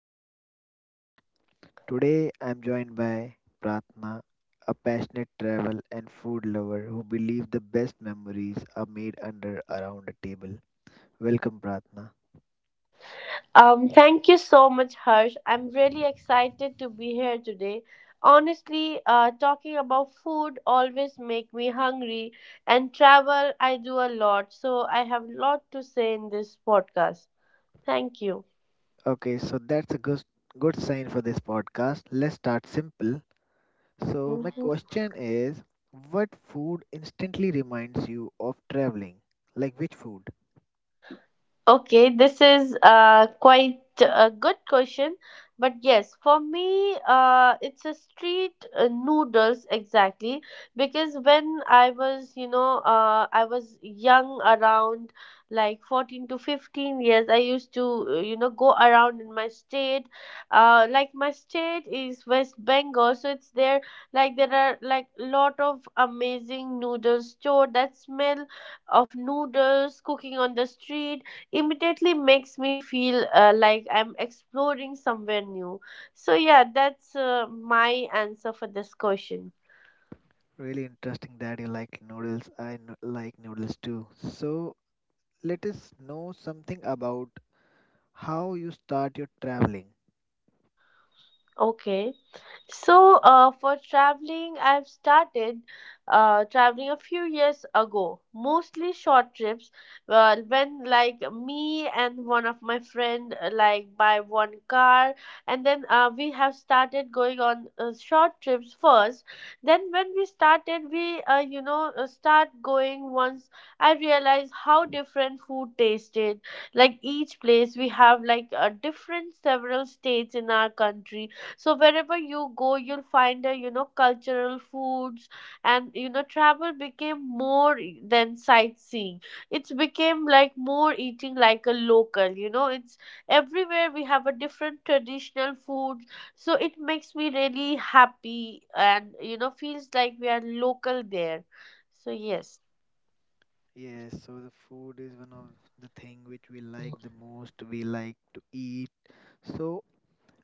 I'm your host, Harsh. Today, I'm joined by Pratna, a passionate travel and food lover who believes the best memories are made under around a table. Welcome, Pratna. Thank you so much, Harsh. I'm really excited to be here today. Honestly, talking about food always make me hungry, and travel I do a lot, so I have a lot to say in this podcast. Thank you. Okay, so that's a good sign for this podcast. Let's start simple. So, my Mhm. question is what food instantly reminds you of traveling? Like which food? Okay, this is quite a good question, but yes, for me, it's a street noodles exactly because when I was, I was young around like 14 to 15 years, I used to, go around in my state. Like my state is West Bengal, so it's there, like there are like lot of amazing noodles store that smell of noodles cooking on the street immediately makes me feel like I'm exploring somewhere new. So, yeah, that's my answer for this question. Really interesting that you like noodles. Like noodles too. So let us know something about how you start your traveling. Okay. So, for traveling, I've started traveling a few years ago, mostly short trips. Well, when like me and one of my friend like buy one car, and then we have started going on short trips first. Then when we started, we start going once I realized how different food tasted. Like each place, we have like a different several states in our country, so wherever you go, you'll find a, you know, cultural foods, and you know travel became more e, than sightseeing. It's became like more eating like a local, you know. It's everywhere we have a different traditional food, so it makes me really happy and you know feels like we are local there, so yes. Yes, so the food is one of the thing which we like the most. We like to eat. So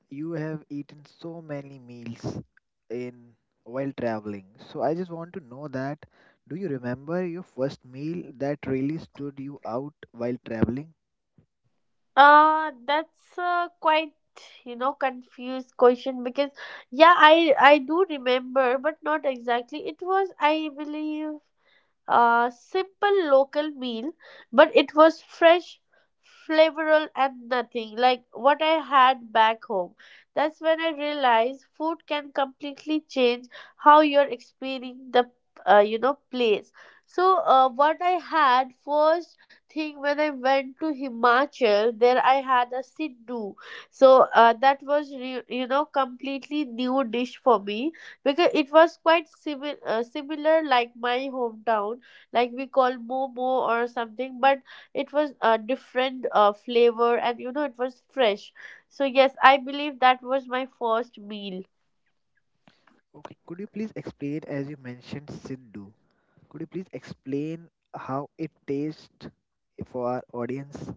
you have eaten so many meals in while traveling. So I just want to know that do you remember your first meal that really stood you out while traveling? That's quite you know confused question because yeah, I do remember but not exactly. It was, I believe, a simple local meal, but it was fresh, flavorful, and nothing like what I had back home. That's when I realized food can completely change how you're experiencing the, you know, place. So what I had first thing when I went to Himachal, there I had a Siddu. So that was you know completely new dish for me because it was quite similar like my hometown, like we call momo or something, but it was a different flavor and you know it was fresh, so yes, I believe that was my first meal. Okay, could you please explain as you mentioned Siddhu? Could you please explain how it tastes for our audience?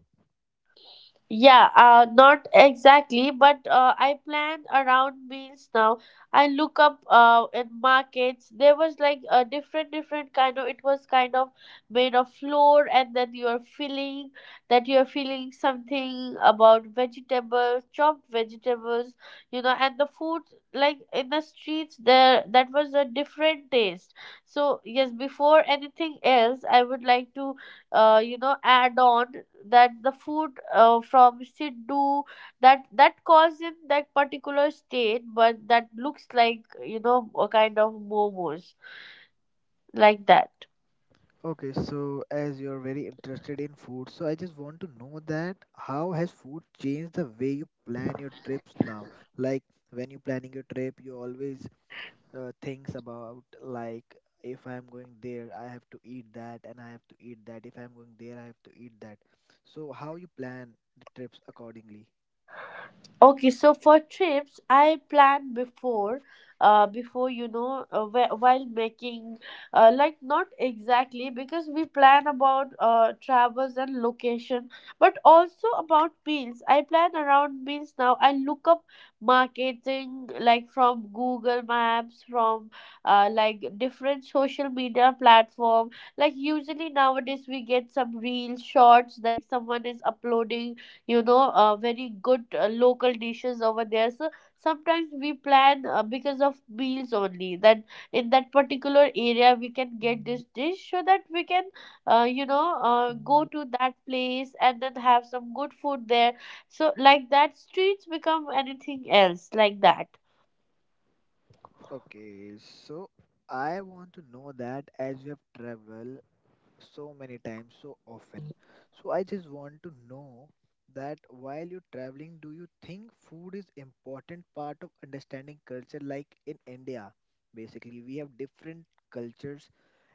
Yeah, not exactly, but I plan around meals now. I look up in markets. There was like a different, different kind of. It was kind of made of flour, and then you are feeling that you are feeling something about vegetables, chopped vegetables, you know, and the food like in the streets there, that was a different taste. So yes, before anything else, I would like to you know add on that the food from Sindhu, that that caused in that particular state, but that looks like you know a kind of momos like that. Okay, so as you're very interested in food, so I just want to know that how has food changed the way you plan your trips now? Like when you're planning your trip, you always thinks about like if I'm going there, I have to eat that and I have to eat that. If I'm going there, I have to eat that. So how you plan the trips accordingly? Okay, so for trips, I plan before, before you know, while making, like not exactly because we plan about travels and location, but also about meals. I plan around meals now. I look up marketing like from Google Maps, from like different social media platform. Like usually nowadays we get some real shorts, like someone is uploading, you know, very good local dishes over there, so sometimes we plan because of meals only, that in that particular area we can get this dish, so that we can, go to that place and then have some good food there, so like that streets become anything else like that. Okay, so I want to know that as you have traveled so many times, so often. So I just want to know that while you're traveling, do you think food is important part of understanding culture? Like in India, basically we have different cultures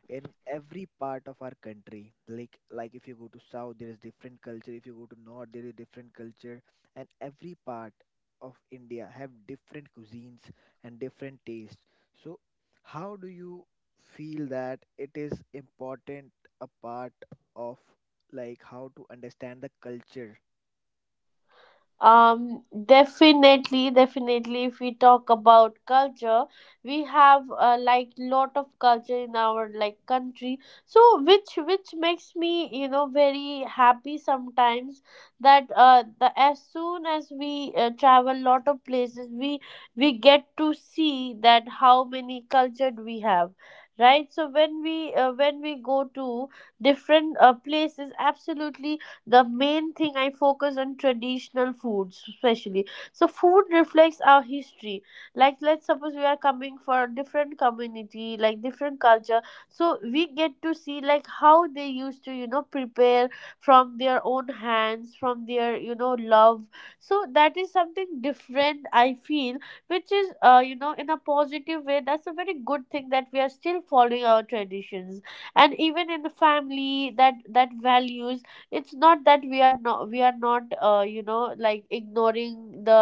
in every part of our country, like if you go to south there is different culture, if you go to north there is different culture, and every part of India have different cuisines and different tastes. So how do you feel that it is important a part of like how to understand the culture? Definitely, definitely. If we talk about culture, we have like lot of culture in our like country. So which makes me you know very happy sometimes that the as soon as we travel lot of places, we get to see that how many culture we have. Right, so when we go to different places, absolutely the main thing I focus on traditional foods especially. So food reflects our history, like let's suppose we are coming for a different community, like different culture, so we get to see like how they used to you know prepare from their own hands, from their you know love, so that is something different I feel, which is, you know, in a positive way. That's a very good thing that we are still following our traditions and even in the family that values. It's not that we are not, we are not, you know, like ignoring the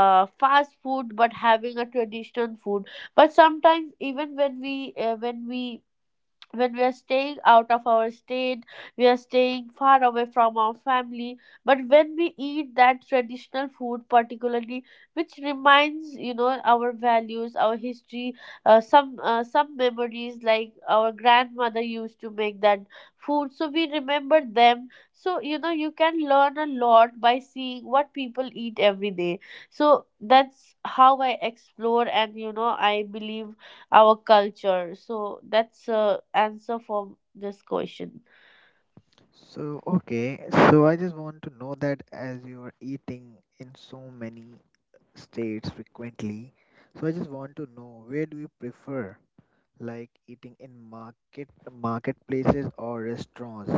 fast food, but having a traditional food. But sometimes even when we when we when we are staying out of our state, we are staying far away from our family. But when we eat that traditional food, particularly, which reminds you know our values, our history, some memories like our grandmother used to make that food, so we remember them. So you know you can learn a lot by seeing what people eat every day. So that's how I explore, and you know I believe our culture, so that's a answer for this question. So, okay, so I just want to know that as you are eating in so many states frequently. So I just want to know where do you prefer like eating in marketplaces or restaurants?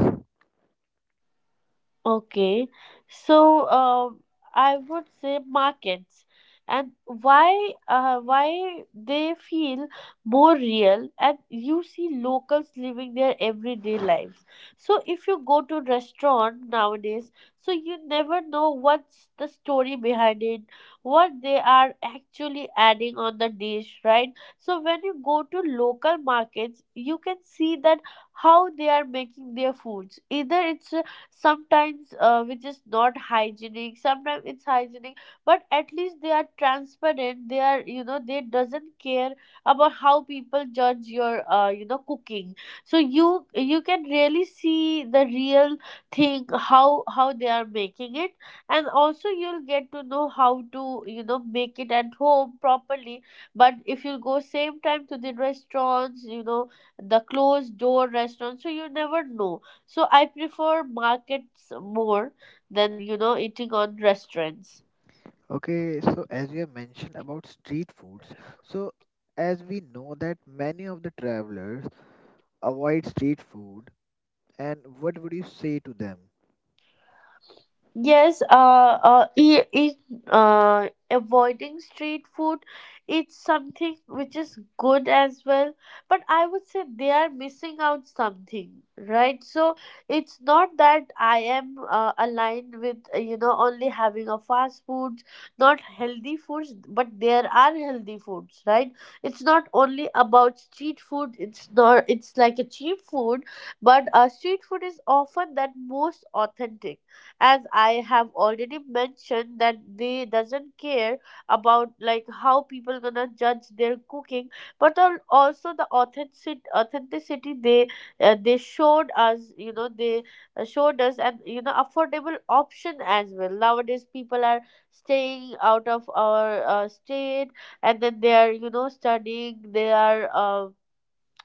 Okay, so I would say markets. And why they feel more real, and you see locals living their everyday lives. So if you go to restaurant nowadays, so you never know what's the story behind it, what they are actually adding on the dish, right? So when you go to local markets, you can see that how they are making their foods. Either it's a sometimes which is not hygienic, sometimes it's hygienic, but at least they are transparent. They are, you know, they doesn't care about how people judge your, you know, cooking. So you can really see the real thing, how they are making it, and also you'll get to know how to you know make it at home properly. But if you go same time to the restaurants, you know, the closed door restaurant, so you never know. So I prefer markets more than you know eating on restaurants. Okay, so as you have mentioned about street foods, so as we know that many of the travelers avoid street food, and what would you say to them? Yes, uh, uh, e- e- Avoiding street food, it's something which is good as well. But I would say they are missing out something, right? So it's not that I am aligned with, you know, only having a fast foods, not healthy foods, but there are healthy foods, right? It's not only about street food, it's not, it's like a cheap food, but street food is often that most authentic, as I have already mentioned, that they doesn't care about like how people gonna judge their cooking, but also the authentic authenticity they, they showed us, you know, they showed us, and you know affordable option as well. Nowadays people are staying out of our state, and then they are you know studying, they are,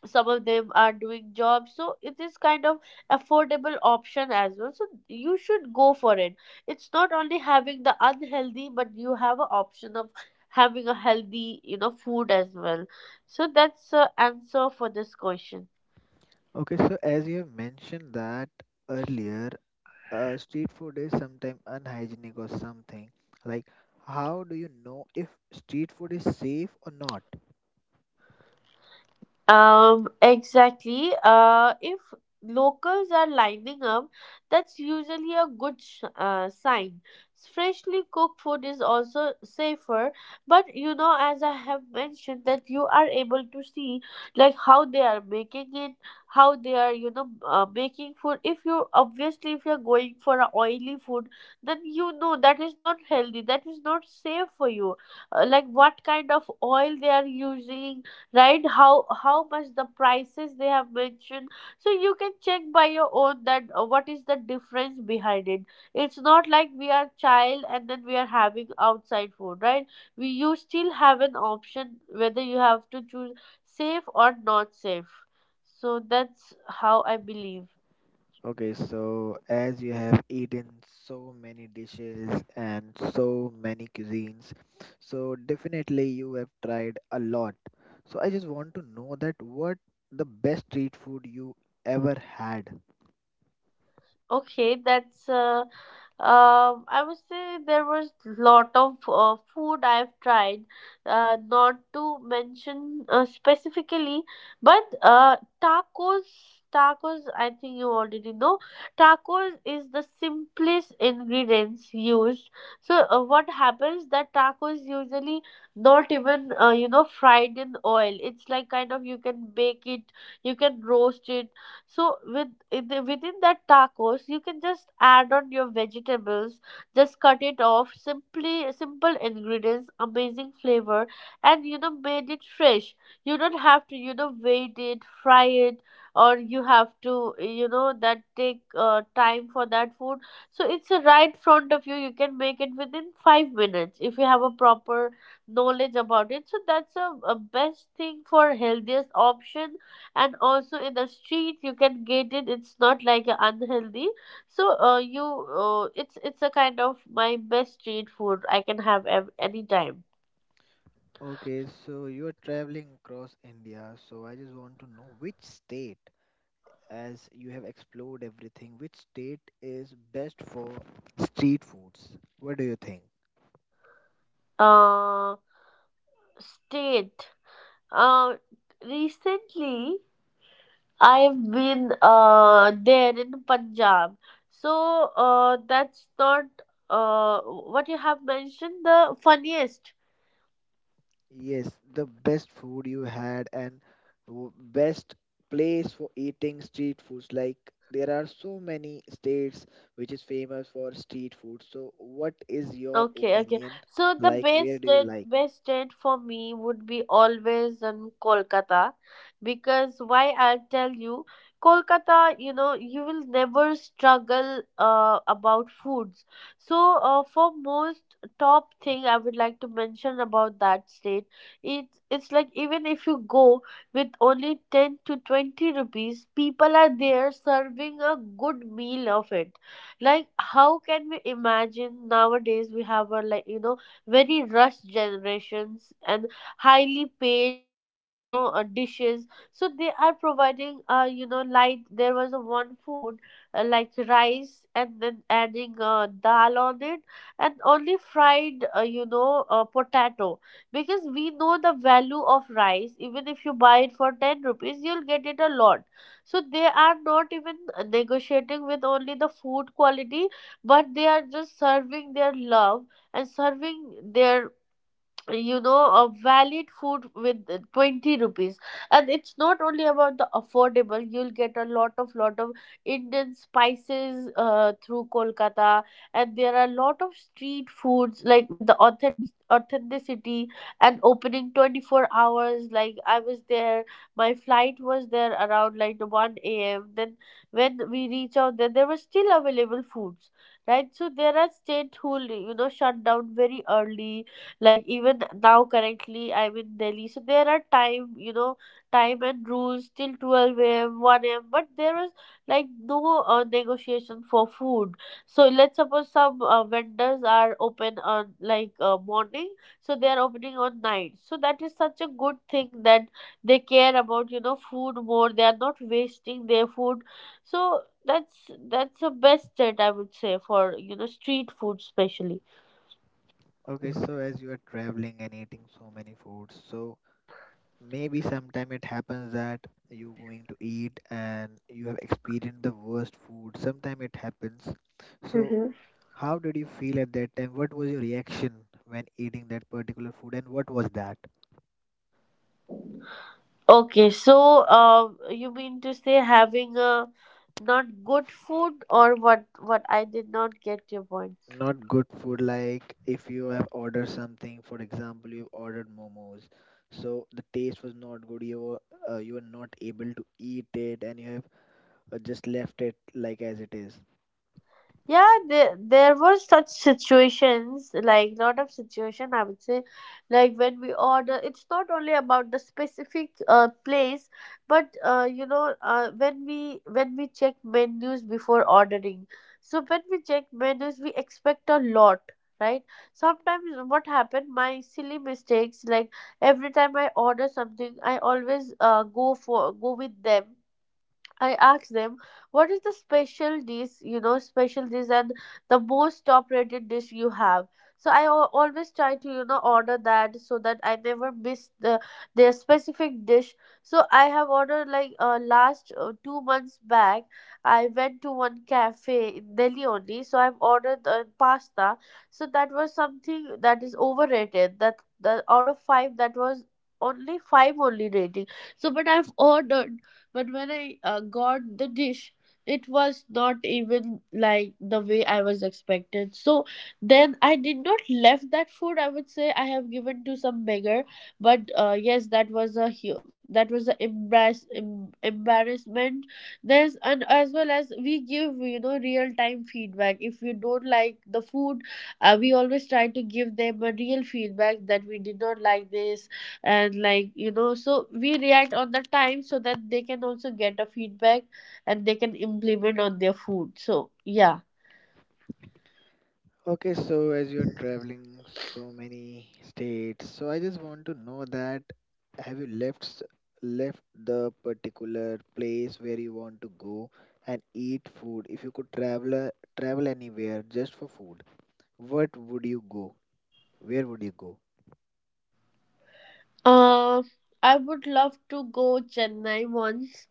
some of them are doing jobs, so it is kind of affordable option as well, so you should go for it. It's not only having the unhealthy, but you have an option of having a healthy you know food as well, so that's the answer for this question. Okay, so as you have mentioned that earlier, street food is sometimes unhygienic or something. Like, how do you know if street food is safe or not? Exactly. If locals are lining up, that's usually a good sign. Freshly cooked food is also safer, but you know, as I have mentioned, that you are able to see like how they are making it, how they are, you know, making food. If you obviously, if you're going for a oily food, then you know that is not healthy, that is not safe for you. Like what kind of oil they are using, right? How much the prices they have mentioned, so you can check by your own that what is the difference behind it. It's not like we are child and then we are having outside food, right? We, you still have an option whether you have to choose safe or not safe, so that's how I believe. Okay, so as you have eaten so many dishes and so many cuisines, so definitely you have tried a lot. So I just want to know that what the best street food you ever had. Okay, that's I would say there was lot of food I've tried, not to mention specifically, but tacos. Tacos, I think you already know. Tacos is the simplest ingredients used. So what happens that tacos usually not even, you know, fried in oil. It's like kind of you can bake it, you can roast it, so within that tacos, you can just add on your vegetables, just cut it off, simply simple ingredients, amazing flavor, and you know made it fresh. You don't have to you know wait it, fry it, or you have to you know that take time for that food. So it's right front of you. You can make it within 5 minutes if you have a proper knowledge about it. So that's a best thing for healthiest option, and also in the street you can get it. It's not like a unhealthy. So you it's a kind of my best street food I can have anytime. Okay, so you are traveling across India, so I just want to know which state, as you have explored everything, which state is best for street foods? What do you think? uh State. uh Recently I've been there in Punjab. So that's not what you have mentioned, the funniest. Yes, the best food you had and best place for eating street foods. Like there are so many states which is famous for street food. So what is your Okay, okay. opinion? So the Like where do you like? best date for me would be always in Kolkata, because why I'll tell you, Kolkata, you know, you will never struggle about foods. So for most top thing I would like to mention about that state, it's like even if you go with only 10 to 20 rupees, people are there serving a good meal of it. Like how can we imagine nowadays we have a, like, you know, very rushed generations and highly paid you know dishes. So they are providing, you know, light. There was a one food, like rice and then adding dal on it and only fried you know potato. Because we know the value of rice. Even if you buy it for 10 rupees, you'll get it a lot. So they are not even negotiating with only the food quality, but they are just serving their love and serving their, you know, a valid food with 20 rupees. And it's not only about the affordable, you'll get a lot of Indian spices through Kolkata. And there are a lot of street foods like with the authenticity, and opening 24 hours. Like I was there, my flight was there around like 1 a.m., then when we reach out there, there were still available foods, right? So there are states who, you know, shut down very early. Like even now, currently I'm in Delhi, so there are time, you know, time and rules till 12 a.m., 1 a.m. But there was like no negotiation for food. So let's suppose some vendors are open on like morning, so they are opening on night. So that is such a good thing, that they care about, you know, food more. They are not wasting their food. So that's the best that I would say for, you know, street food especially. Okay, so as you are traveling and eating so many foods, so maybe sometime it happens that you going to eat and you have experienced the worst food. Sometime it happens. So Mhm. how did you feel at that time? What was your reaction when eating that particular food and what was that? Okay, so you mean to say having a not good food or what? What, I did not get your point. Not good food, like if you have ordered something, for example, you ordered momos, so the taste was not good, you were not able to eat it and you have just left it like as it is. Yeah, there were such situations, like lot of situation I would say. Like when we order, it's not only about the specific place, but you know when we check menus before ordering. So when we check menus, we expect a lot, right? Sometimes what happened, my silly mistakes, like every time I order something, I always go with them. I asked them what is the special dish, you know, special dish and the most top rated dish you have. So I always try to, you know, order that so that I never miss the their specific dish. So I have ordered like last 2 months back. I went to one cafe in Delhi only. So I've ordered pasta. So that was something that is overrated. That the out of five, that was only five only rating. So but I've ordered, but when I got the dish, it was not even like the way I was expected. So then I did not left that food. I would say I have given to some beggar. But yes, that was a that was a embarrassment. There's, and as well as we give, you know, real time feedback. If you don't like the food, we always try to give them a real feedback that we did not like this. And like, you know, so we react on the time so that they can also get a feedback and they can implement on their food. So yeah. Okay, so as you're traveling so many states, so I just want to know that have you left the particular place where you want to go and eat food? If you could travel anywhere just for food, what would you go? Where would you go? Uh, I would love to go Chennai once,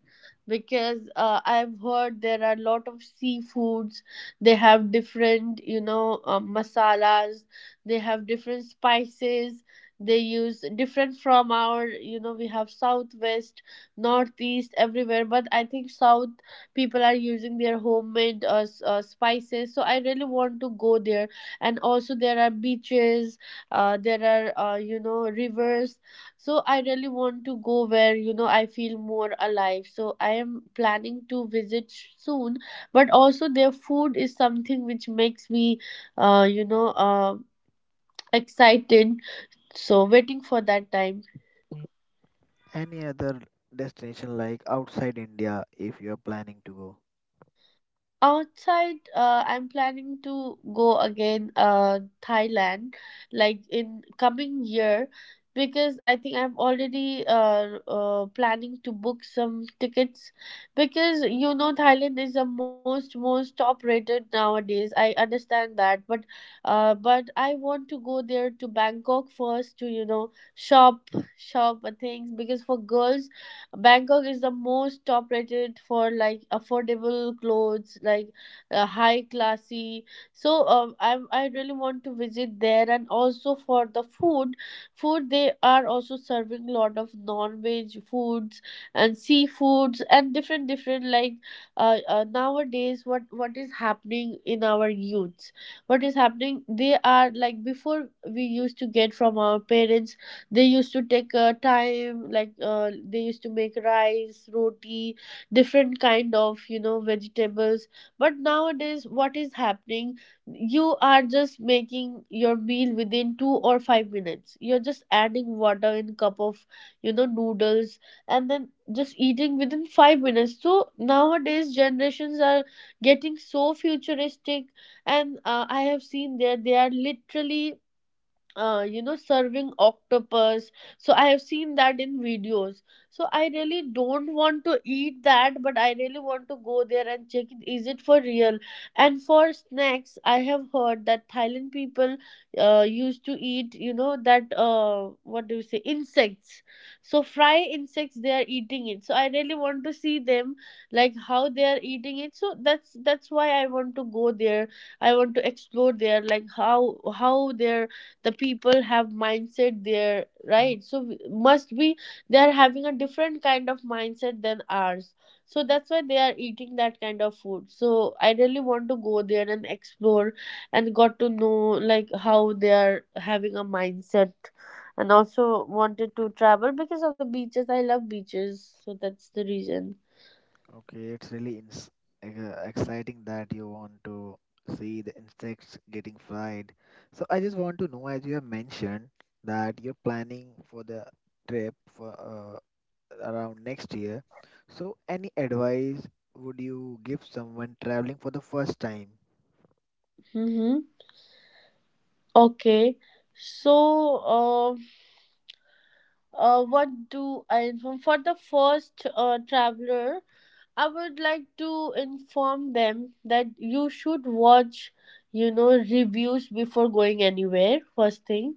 because I've heard there are a lot of seafoods. They have different, you know, masalas. They have different spices. They use different from our, you know, we have southwest, northeast, everywhere. But I think south people are using their homemade spices. So I really want to go there. And also there are beaches. There are, you know, rivers. So I really want to go where, you know, I feel more alive. So I am planning to visit soon, but also their food is something which makes me, you know, excited. So waiting for that time. Any other destination like outside India if you're planning to go? Outside, I'm planning to go again, Thailand, like in coming year, because I think I'm already planning to book some tickets, because you know Thailand is the most top rated nowadays. I understand that, but but I want to go there to Bangkok first to, you know, shop things, because for girls Bangkok is the most top rated for like affordable clothes, like high classy. So I really want to visit there, and also for the food. Food, they are also serving lot of non-veg foods and seafoods and different different like, nowadays what is happening in our youths, what is happening, they are like before we used to get from our parents. They used to take time, like they used to make rice, roti, different kind of, you know, vegetables. But nowadays, what is happening? You are just making your meal within 2 or 5 minutes. You're just adding water in cup of, you know, noodles and then just eating within 5 minutes. So nowadays, generations are getting so futuristic. And I have seen that they are literally you know, serving octopus. So I have seen that in videos. So I really don't want to eat that, but I really want to go there and check it. Is it for real? And for snacks, I have heard that Thailand people used to eat, you know, that what do you say, insects. So fry insects, they are eating it. So I really want to see them, like how they are eating it. So that's why I want to go there. I want to explore there, like how their the people have mindset there, right? So we- must be they are having a different kind of mindset than ours, so that's why they are eating that kind of food. So I really want to go there and explore and got to know like how they are having a mindset. And also wanted to travel because of the beaches. I love beaches, so that's the reason. Okay, it's really like, exciting that you want to see the insects getting fried. So I just want to know, as you have mentioned, that you're planning for the trip for around next year. So any advice would you give someone traveling for the first time? Mm-hmm. Okay, so um what do I inform for the first traveler? I would like to inform them that you should watch, you know, reviews before going anywhere, first thing.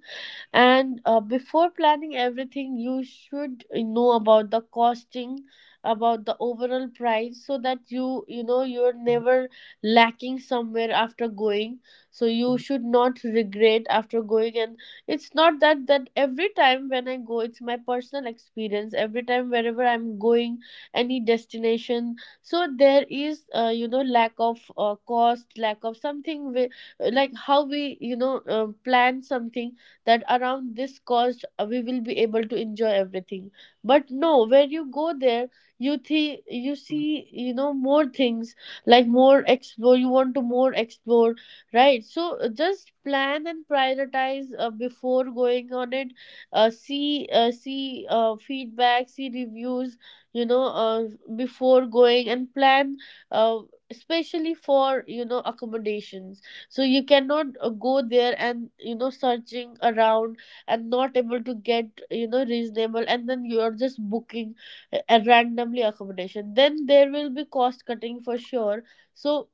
And before planning everything, you should know about the costing, about the overall price, so that you know, you're never lacking somewhere after going. So you should not regret after going. And it's not that every time when I go, it's my personal experience, every time wherever I'm going, any destination, so there is, you know, lack of cost, lack of something, like how we, you know, plan something, that around this cost we will be able to enjoy everything. But no, when you go there, you you see, you know, more things, like more explore you want to more explore, right? So just plan and prioritize before going on it. See feedback, see reviews, you know, before going, and plan, uh, especially for, you know, accommodations. So you cannot go there and, you know, searching around and not able to get, you know, reasonable, and then you are just booking randomly accommodation, then there will be cost cutting for sure. So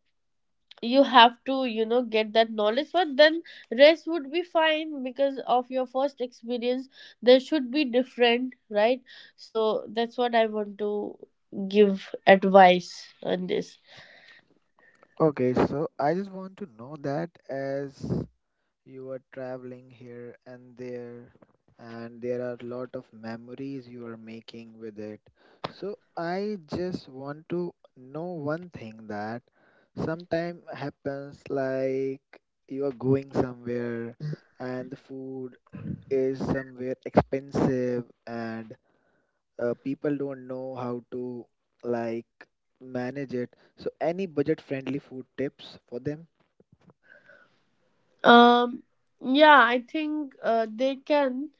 you have to, you know, get that knowledge. But then rest would be fine, because of your first experience there should be different, right? So that's what I want to give advice on this. Okay, so I just want to know that as you are traveling here and there are a lot of memories you are making with it. So I just want to know one thing that sometime happens like you are going somewhere and the food is somewhere expensive and people don't know how to like manage it. So any budget friendly food tips for them? Um, yeah, I think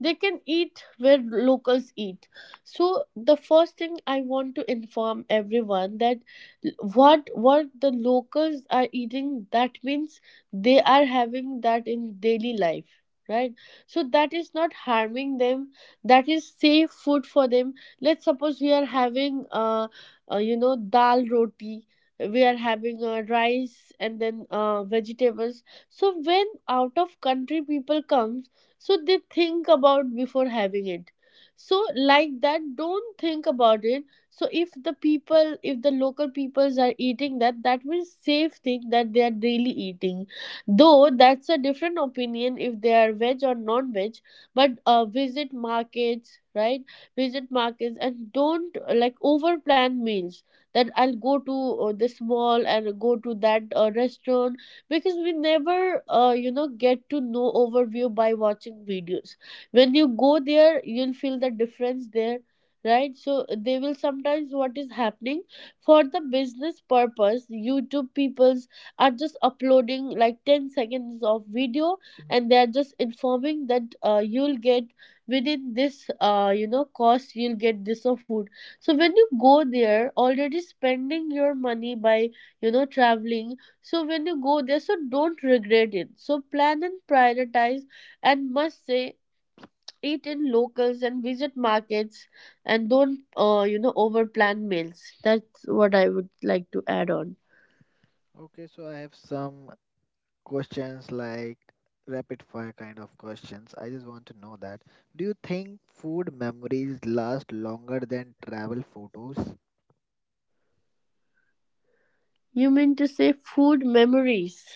they can eat where locals eat. So the first thing I want to inform everyone that what the locals are eating, that means they are having that in daily life, right? So that is not harming them. That is safe food for them. Let's suppose we are having you know dal roti. We are having rice and then vegetables, so when out of country people comes, so they think about before having it, so like that don't think about it. So if the people, if the local peoples are eating that, that means safe thing that they are daily eating, though that's a different opinion if they are veg or non-veg. But visit markets, right? Visit markets and don't like over plan meals, that I'll go to this mall and go to that restaurant, because we never get to know overview by watching videos. When you go there, you'll feel the difference there, right? So they will sometimes, what is happening, for the business purpose YouTube peoples are just uploading like 10 seconds of video, and they are just informing that you'll get within this cost, you'll get this of food. So when you go there, already spending your money by, you know, traveling. So when you go there, so don't regret it. So plan and prioritize, and must say eat in locals and visit markets, and don't over plan meals. That's what I would like to add on. Okay, so I have some questions like rapid fire kind of questions. I just want to know that. Do you think food memories last longer than travel photos? You mean to say food memories?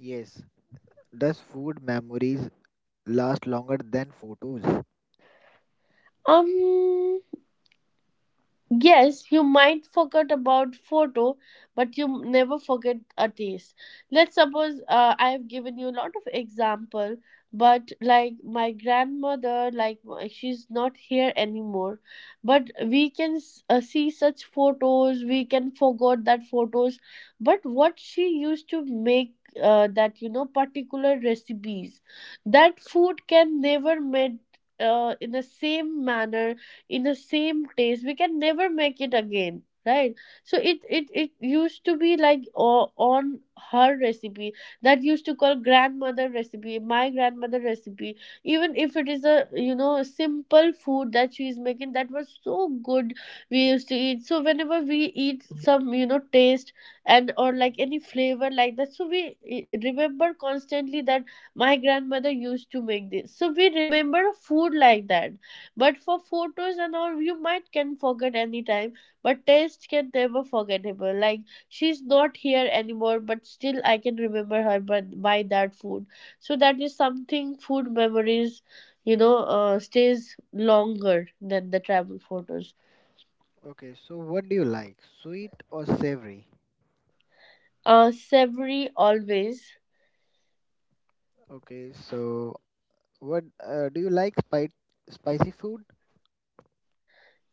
Yes. Does food memories last longer than photos? Um, Yes, you might forget about photo, but you never forget a taste. Let's suppose I have given you a lot of example, but like my grandmother, like she's not here anymore, but we can see such photos. We can forget that photos, but what she used to make, that you know particular recipes, that food can never made in the same manner, in the same taste, we can never make it again, right? So it used to be like, on her recipe, that used to call grandmother recipe, my grandmother recipe. Even if it is a, you know, a simple food that she's making, that was so good. We used to eat, so whenever we eat some, you know, taste, and or like any flavor like that, so we remember constantly that my grandmother used to make this, so we remember a food like that. But for photos and all, you might can forget anytime, but taste can never forgettable. Like she's not here anymore, but still I can remember her by that food. So that is something, food memories, you know, stays longer than the travel photos. Okay, so what do you like? Sweet or savory? Savory always. Okay, so what do you like spicy food?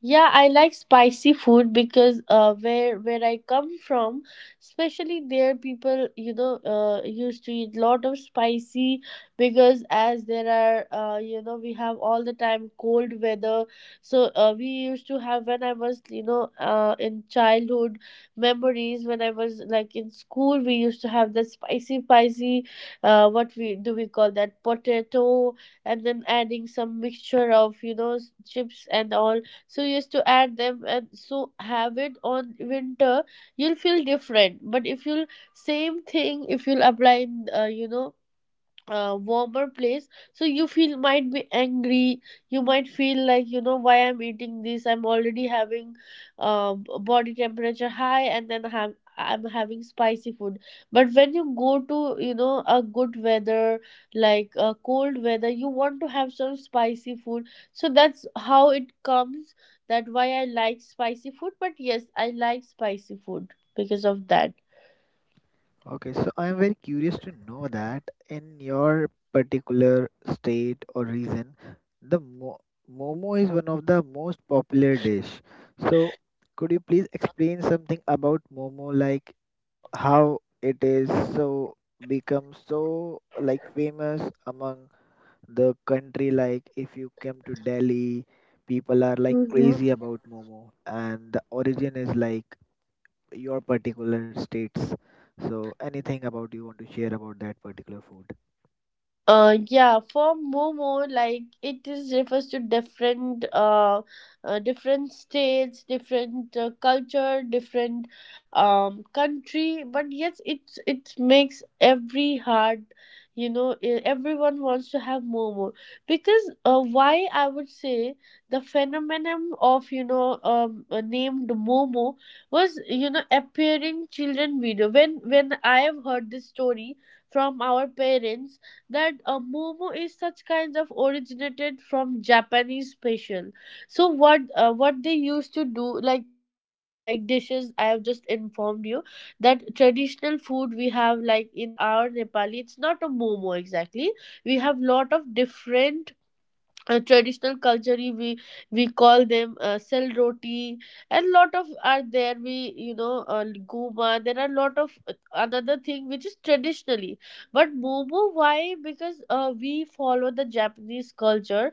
Yeah, I like spicy food because where I come from, especially there, people, you know, used to eat lot of spicy, because as there are we have all the time cold weather. So we used to have, when I was, you know, in childhood memories, when I was like in school, we used to have that spicy spicy, what we do, we call that potato, and then adding some mixture of, you know, chips and all. So you used to add them and so have it on winter, you'll feel different. But if you'll, same thing, if you'll apply in, warmer place, so you feel might be angry, you might feel like, you know, why I'm eating this, I'm already having body temperature high, and then have, I'm having spicy food. But when you go to, you know, a good weather, like cold weather, you want to have some spicy food. So that's how it comes, that why I like spicy food. But yes, I like spicy food because of that. Okay, so I'm very curious to know that in your particular state or region, the mo momo is one of the most popular dish. So could you please explain something about momo, like how it is so become so like famous among the country? Like if you come to Delhi, people are like Mhm. crazy about momo, and the origin is like your particular states. So anything about you want to share about that particular food? Yeah, for Momo, like it is refers to different, different states, different culture, different, country. But yes, it makes every heart, you know, everyone wants to have Momo, because why I would say the phenomenon of, you know, named Momo was, you know, appearing children video, when I have heard this story from our parents, that a momo is such kinds of originated from Japanese special. So what they used to do, like some of like dishes I have just informed you, that traditional food we have, like in our Nepali it's not a momo exactly. We have lot of different traditional culture, we call them sell roti, and lot of are there, we, you know, guma, there are lot of another thing which is traditionally. But momo, why? Because we follow the japanese culture.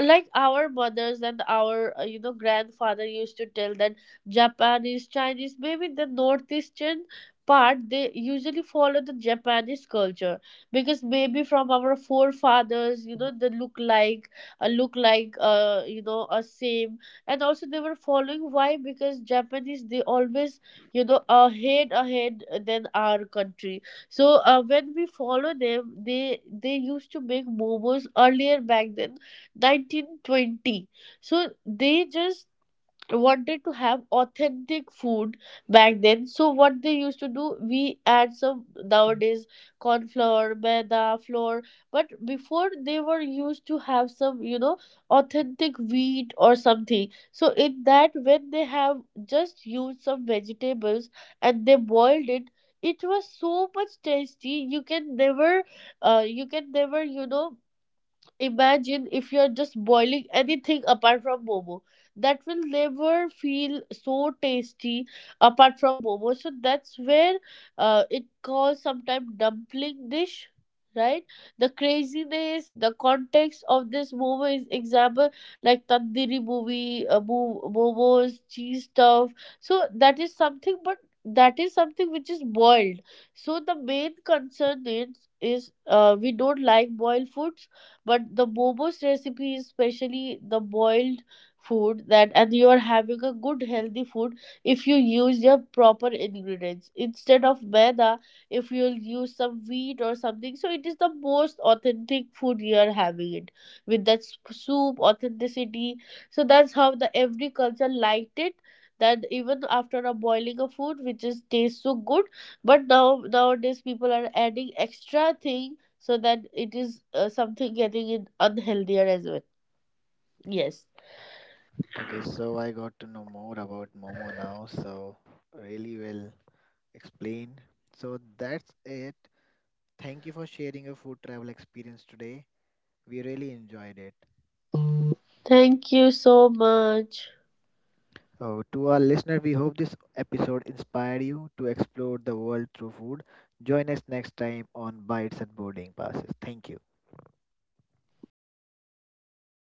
Like our mothers and our, you know, grandfather used to tell that japanese chinese, maybe the northeastern part, they usually follow the japanese culture, because maybe from our forefathers, you know, they look like look like, you know, a same. And also they were following, why? Because japanese, they always, you know, ahead than our country. So when we follow them, they used to make momos earlier back then, 1920. So they just wanted to have authentic food back then. So what they used to do, we add some nowadays corn flour, maida flour. But before, they were used to have some, you know, authentic wheat or something. So in that, when they have just used some vegetables and they boiled it, it was so much tasty. You can never you can never, you know, imagine if you're just boiling anything apart from momo. That will never feel so tasty apart from momo. So that's where it calls sometimes dumpling dish, right? The craziness, the context of this momo is example like tandoori movie, momos, cheese stuff. So that is something, but that is something which is boiled. So the main concern is, we don't like boiled food, but the momos recipe is especially the boiled food that, and you are having a good healthy food. If you use your proper ingredients instead of maida, if you'll use some wheat or something, so it is the most authentic food you are having it, with that soup authenticity. So that's how the every culture liked it, that even after a boiling of food which is tastes so good. But now nowadays people are adding extra thing, so that it is something getting in unhealthier as well. Yes, Okay, so I got to know more about momo now, so really well explained. So that's it. Thank you for sharing your food travel experience today. We really enjoyed it. thank you so much. Oh, to our listener, we hope this episode inspired you